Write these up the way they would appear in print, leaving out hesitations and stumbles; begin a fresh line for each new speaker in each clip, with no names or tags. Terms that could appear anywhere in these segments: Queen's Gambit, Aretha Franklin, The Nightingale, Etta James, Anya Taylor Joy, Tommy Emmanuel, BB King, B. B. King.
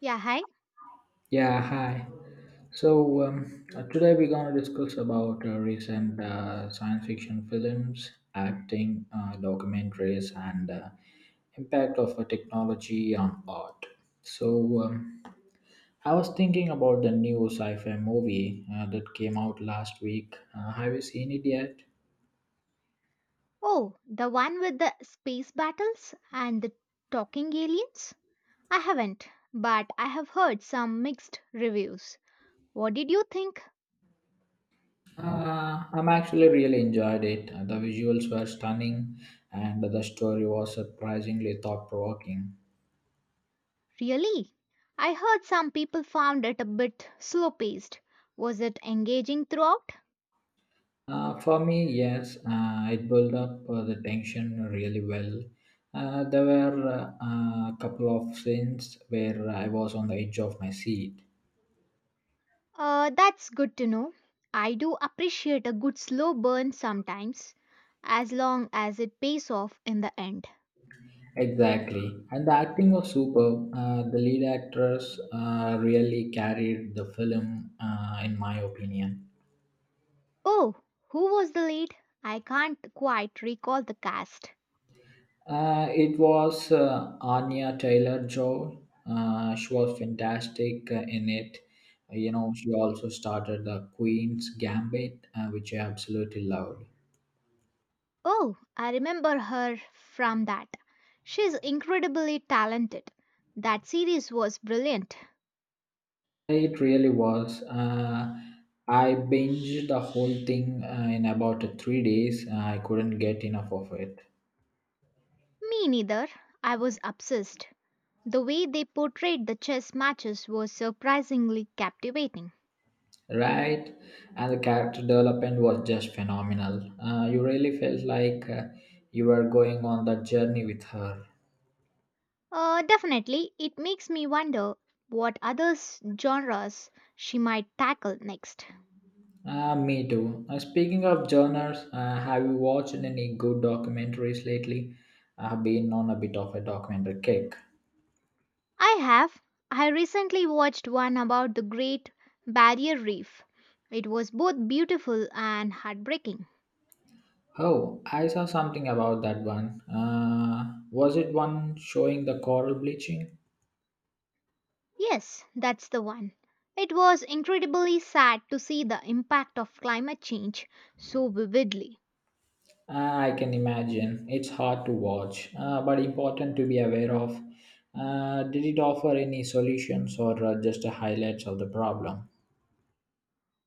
Yeah, hi.
Yeah, hi. So today we're gonna discuss about recent science fiction films, acting, documentaries, and impact of technology on art. So um, I was thinking about the new sci-fi movie that came out last week. Have you seen it yet?
Oh, the one with the space battles and the talking aliens? I haven't, but I have heard some mixed reviews. What did you think?
I'm actually really enjoyed it. The visuals were stunning, and the story was surprisingly thought-provoking.
Really? I heard some people found it a bit slow paced. Was it engaging throughout?
For me, yes, it built up the tension really well. There were a couple of scenes where I was on the edge of my seat.
That's good to know. I do appreciate a good slow burn sometimes, as long as it pays off in the end.
Exactly. And the acting was superb. The lead actress really carried the film, in my opinion.
Oh, who was the lead? I can't quite recall the cast.
It was Anya Taylor Joy. She was fantastic in it. She also started the Queen's Gambit, which I absolutely loved.
Oh, I remember her from that. She's incredibly talented. That series was brilliant.
It really was. I binged the whole thing in about 3 days. I couldn't get enough of it.
Me neither. I was obsessed. The way they portrayed the chess matches was surprisingly captivating.
Right, and the character development was just phenomenal. You really felt like you were going on that journey with her.
Definitely, it makes me wonder what other genres she might tackle next.
Me too. Speaking of genres, have you watched any good documentaries lately? I have been on a bit of a documentary kick.
I have. I recently watched one about the Great Barrier Reef. It was both beautiful and heartbreaking.
Oh, I saw something about that one. Was it one showing the coral bleaching?
Yes, that's the one. It was incredibly sad to see the impact of climate change so vividly.
I can imagine. It's hard to watch, but important to be aware of. Did it offer any solutions or just the highlights of the problem?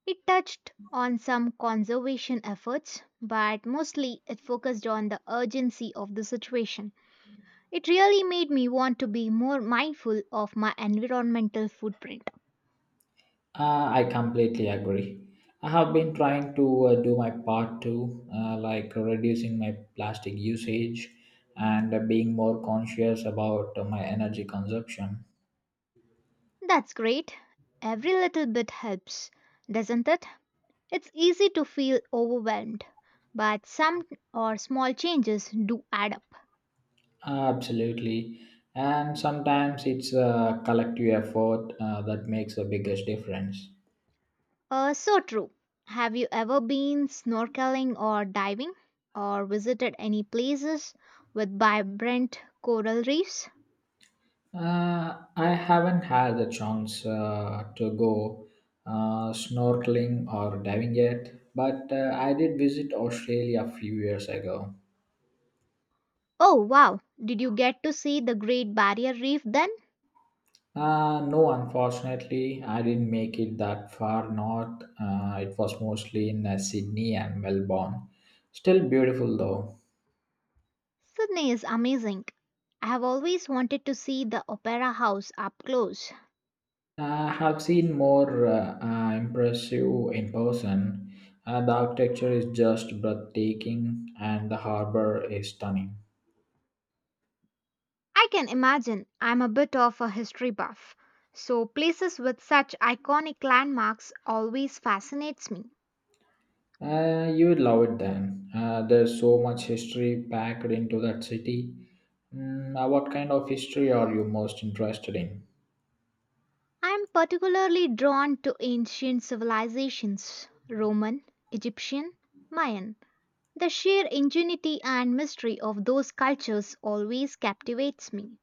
It touched on some conservation efforts, but mostly it focused on the urgency of the situation. It really made me want to be more mindful of my environmental footprint.
I completely agree. I have been trying to do my part too, like reducing my plastic usage and being more conscious about my energy consumption.
That's great. Every little bit helps, doesn't it? It's easy to feel overwhelmed, but some or small changes do add up.
Absolutely. And sometimes it's a collective effort that makes the biggest difference.
So true. Have you ever been snorkeling or diving or visited any places with vibrant coral reefs?
I haven't had the chance to go snorkeling or diving yet, but I did visit Australia a few years ago.
Oh wow, did you get to see the Great Barrier Reef then?
No, unfortunately, I didn't make it that far north. It was mostly in Sydney and Melbourne. Still beautiful though.
Sydney is amazing. I have always wanted to see the Opera House up close.
I have seen more impressive in person. The architecture is just breathtaking and the harbor is stunning.
I can imagine. I'm a bit of a history buff, so places with such iconic landmarks always fascinates me.
You would love it then. There's so much history packed into that city. What kind of history are you most interested in?
I'm particularly drawn to ancient civilizations: Roman, Egyptian, Mayan. The sheer ingenuity and mystery of those cultures always captivates me.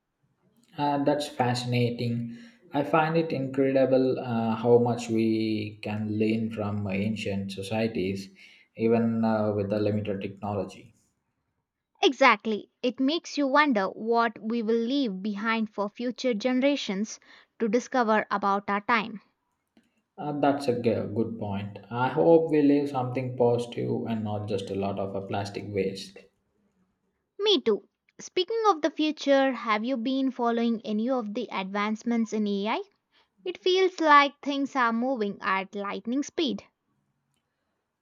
And that's fascinating. I find it incredible how much we can learn from ancient societies, even with the limited technology.
Exactly, it makes you wonder what we will leave behind for future generations to discover about our time.
Good point. I hope we leave something positive and not just a lot of plastic waste.
Me too. Speaking of the future, have you been following any of the advancements in AI? It feels like things are moving at lightning speed.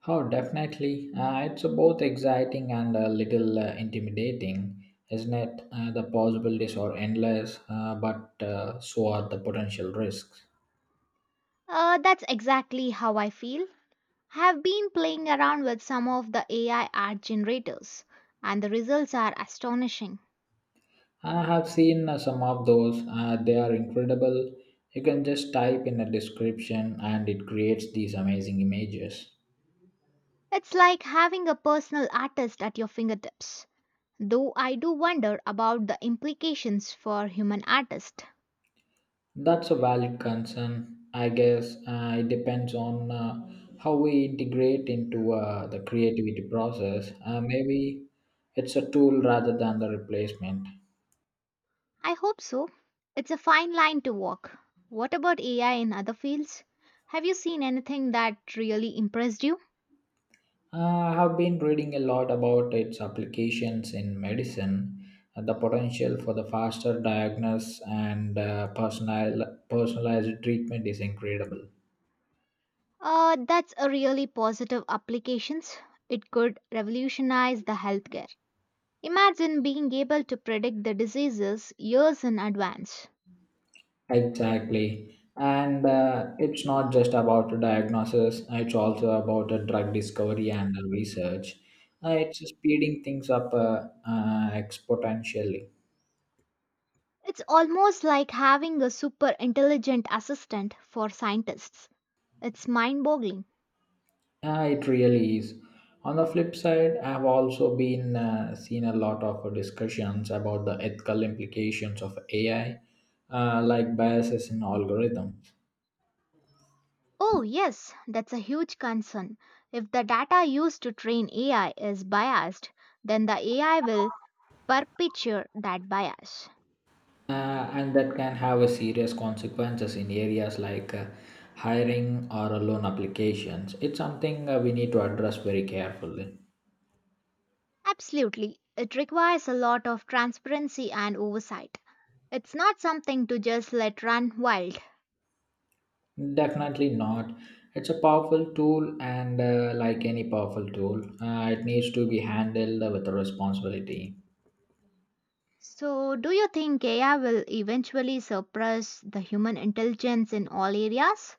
Oh, definitely. It's both exciting and a little intimidating, isn't it? The possibilities are endless, but so are the potential risks.
That's exactly how I feel. I have been playing around with some of the AI art generators, and the results are astonishing.
I have seen some of those. They are incredible. You can just type in a description and it creates these amazing images.
It's like having a personal artist at your fingertips. Though I do wonder about the implications for human artists.
That's a valid concern, I guess. It depends on how we integrate into the creativity process. Maybe it's a tool rather than the replacement.
I hope so. It's a fine line to walk. What about AI in other fields? Have you seen anything that really impressed you?
I have been reading a lot about its applications in medicine, the potential for the faster diagnosis and personalized treatment is incredible.
That's a really positive applications. It could revolutionize the healthcare. Imagine being able to predict the diseases years in advance.
Exactly. And it's not just about diagnosis, it's also about the drug discovery and the research. It's speeding things up exponentially.
It's almost like having a super intelligent assistant for scientists. It's mind boggling.
Yeah, it really is. On the flip side, I've also been seen a lot of discussions about the ethical implications of AI, like biases in algorithms,
Oh, yes, that's a huge concern. If the data used to train AI is biased, then the AI will perpetuate that bias.
and that can have a serious consequences in areas like hiring or loan applications. It's something we need to address very carefully.
Absolutely, it requires a lot of transparency and oversight. It's not something to just let run wild.
Definitely not. It's a powerful tool, and like any powerful tool, it needs to be handled with responsibility.
So, do you think AI will eventually surpass the human intelligence in all areas?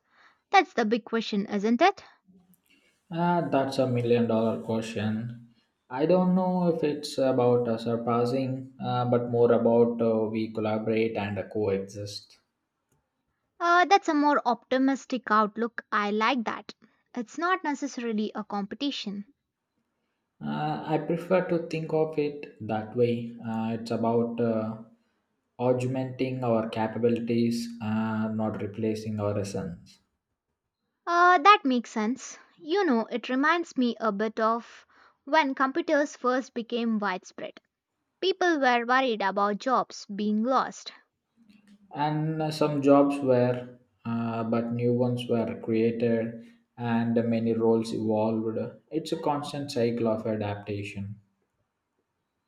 That's the big question, isn't it?
Ah, that's a million dollar question. I don't know if it's about surpassing, but more about we collaborate and coexist.
That's a more optimistic outlook. I like that. It's not necessarily a competition.
I prefer to think of it that way. It's about augmenting our capabilities, not replacing our essence.
That makes sense. You know, it reminds me a bit of when computers first became widespread. People were worried about jobs being lost.
And some jobs were, but new ones were created, and many roles evolved. It's a constant cycle of adaptation.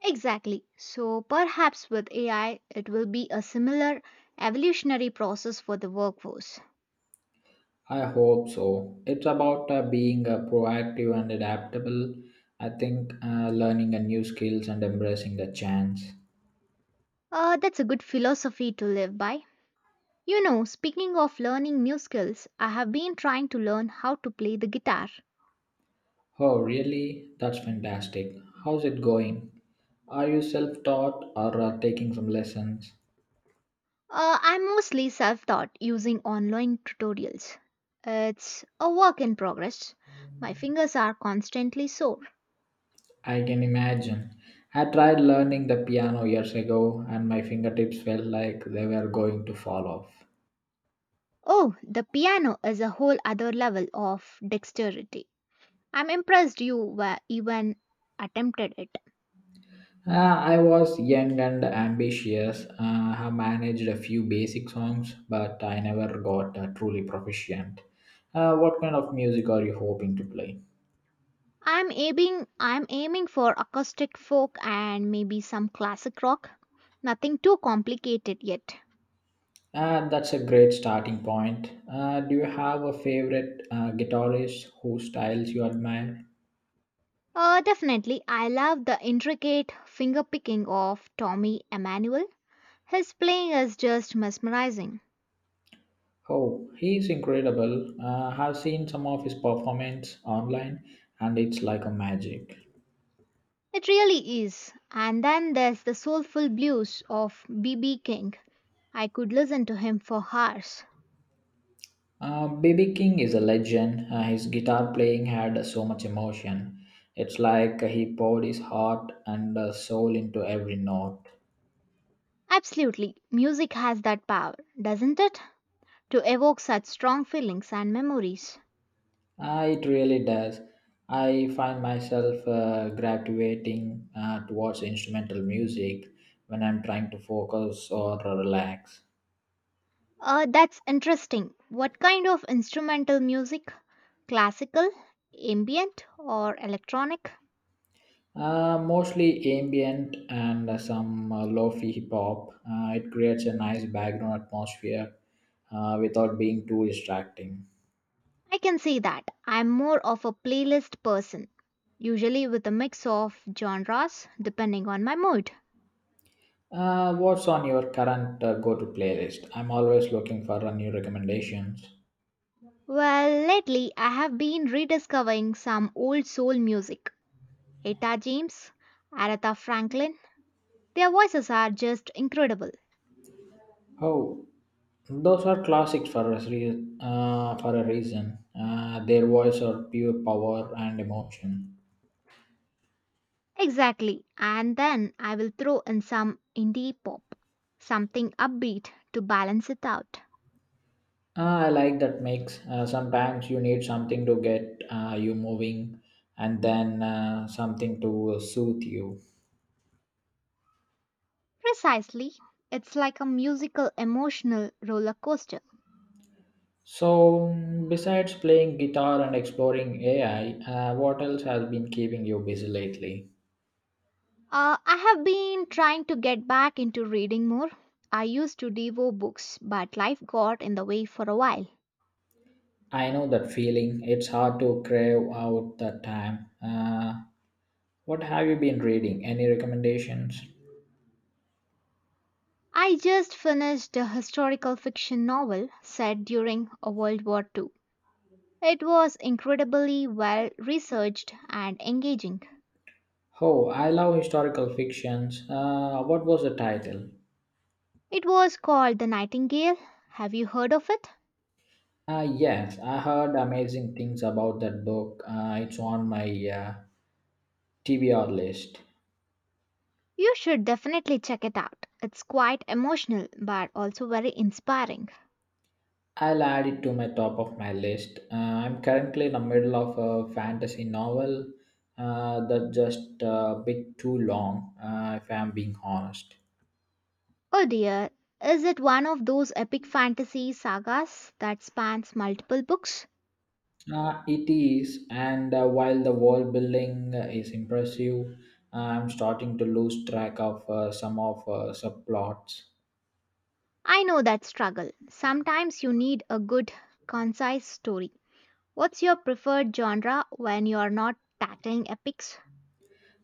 Exactly. So perhaps with AI, it will be a similar evolutionary process for the workforce.
I hope so. It's about being proactive and adaptable. I think learning a new skills and embracing the chance.
That's a good philosophy to live by. You know, speaking of learning new skills, I have been trying to learn how to play the guitar.
Oh, really? That's fantastic. How's it going? Are you self-taught or taking some lessons?
I'm mostly self taught using online tutorials. It's a work in progress. My fingers are constantly sore.
I can imagine. I tried learning the piano years ago and my fingertips felt like they were going to fall off.
Oh, the piano is a whole other level of dexterity. I'm impressed you were even attempted it.
I was young and ambitious. I managed a few basic songs, but I never got truly proficient. What kind of music are you hoping to play?
I'm aiming for acoustic folk and maybe some classic rock. Nothing too complicated yet.
That's a great starting point. Do you have a favorite guitarist whose styles you admire?
Definitely, I love the intricate fingerpicking of Tommy Emmanuel. His playing is just mesmerizing.
Oh, he's incredible. I've seen some of his performance online, and it's like a magic.
It really is. And then there's the soulful blues of B. B. King. I could listen to him for hours.
BB King is a legend. His guitar playing had so much emotion. It's like he poured his heart and soul into every note.
Absolutely, music has that power, doesn't it, to evoke such strong feelings and memories?
It really does. I find myself gravitating towards instrumental music when I'm trying to focus or relax.
That's interesting. What kind of instrumental music? Classical, ambient, or electronic?
Mostly ambient and some lo-fi hip hop. It creates a nice background atmosphere without being too distracting.
I can see that. I'm more of a playlist person, usually with a mix of genres depending on my mood.
What's on your current go to playlist? I'm always looking for new recommendations.
Well, lately I have been rediscovering some old soul music. Etta James, Aretha Franklin, their voices are just incredible.
Oh, those are classics for for a reason. Their voice are pure power and emotion.
Exactly. And then I will throw in some indie pop, something upbeat to balance it out.
Ah, I like that mix. Sometimes you need something to get you moving and then something to soothe you.
Precisely. It's like a musical emotional roller coaster.
So, besides playing guitar and exploring AI, what else has been keeping you busy lately?
I have been trying to get back into reading more. I used to devour books, but life got in the way for a while.
I know that feeling. It's hard to crave out that time. What have you been reading? Any recommendations?
I just finished a historical fiction novel set during a World War II. It was incredibly well researched and engaging.
Oh, I love historical fictions. What was the title?
It was called The Nightingale. Have you heard of it?
Yes, I heard amazing things about that book. It's on my uh, TBR list.
You should definitely check it out. It's quite emotional but also very inspiring.
I'll add it to my top of my list. I'm currently in the middle of a fantasy novel that's just a bit too long, if I'm being honest.
Oh dear, is it one of those epic fantasy sagas that spans multiple books?
It is, and while the wall building is impressive, I'm starting to lose track of some of subplots.
I know that struggle. Sometimes you need a good, concise story. What's your preferred genre when you're not tackling epics?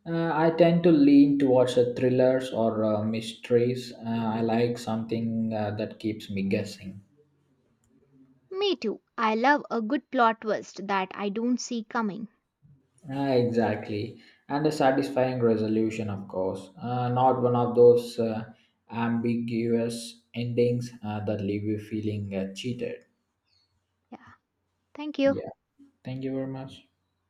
I tend to lean towards thrillers or mysteries. I like something that keeps me guessing.
Me too. I love a good plot twist that I don't see coming.
Ah, exactly. And a satisfying resolution, of course. Not one of those ambiguous endings that leave you feeling cheated.
Yeah, thank you.
Yeah. Thank you very much.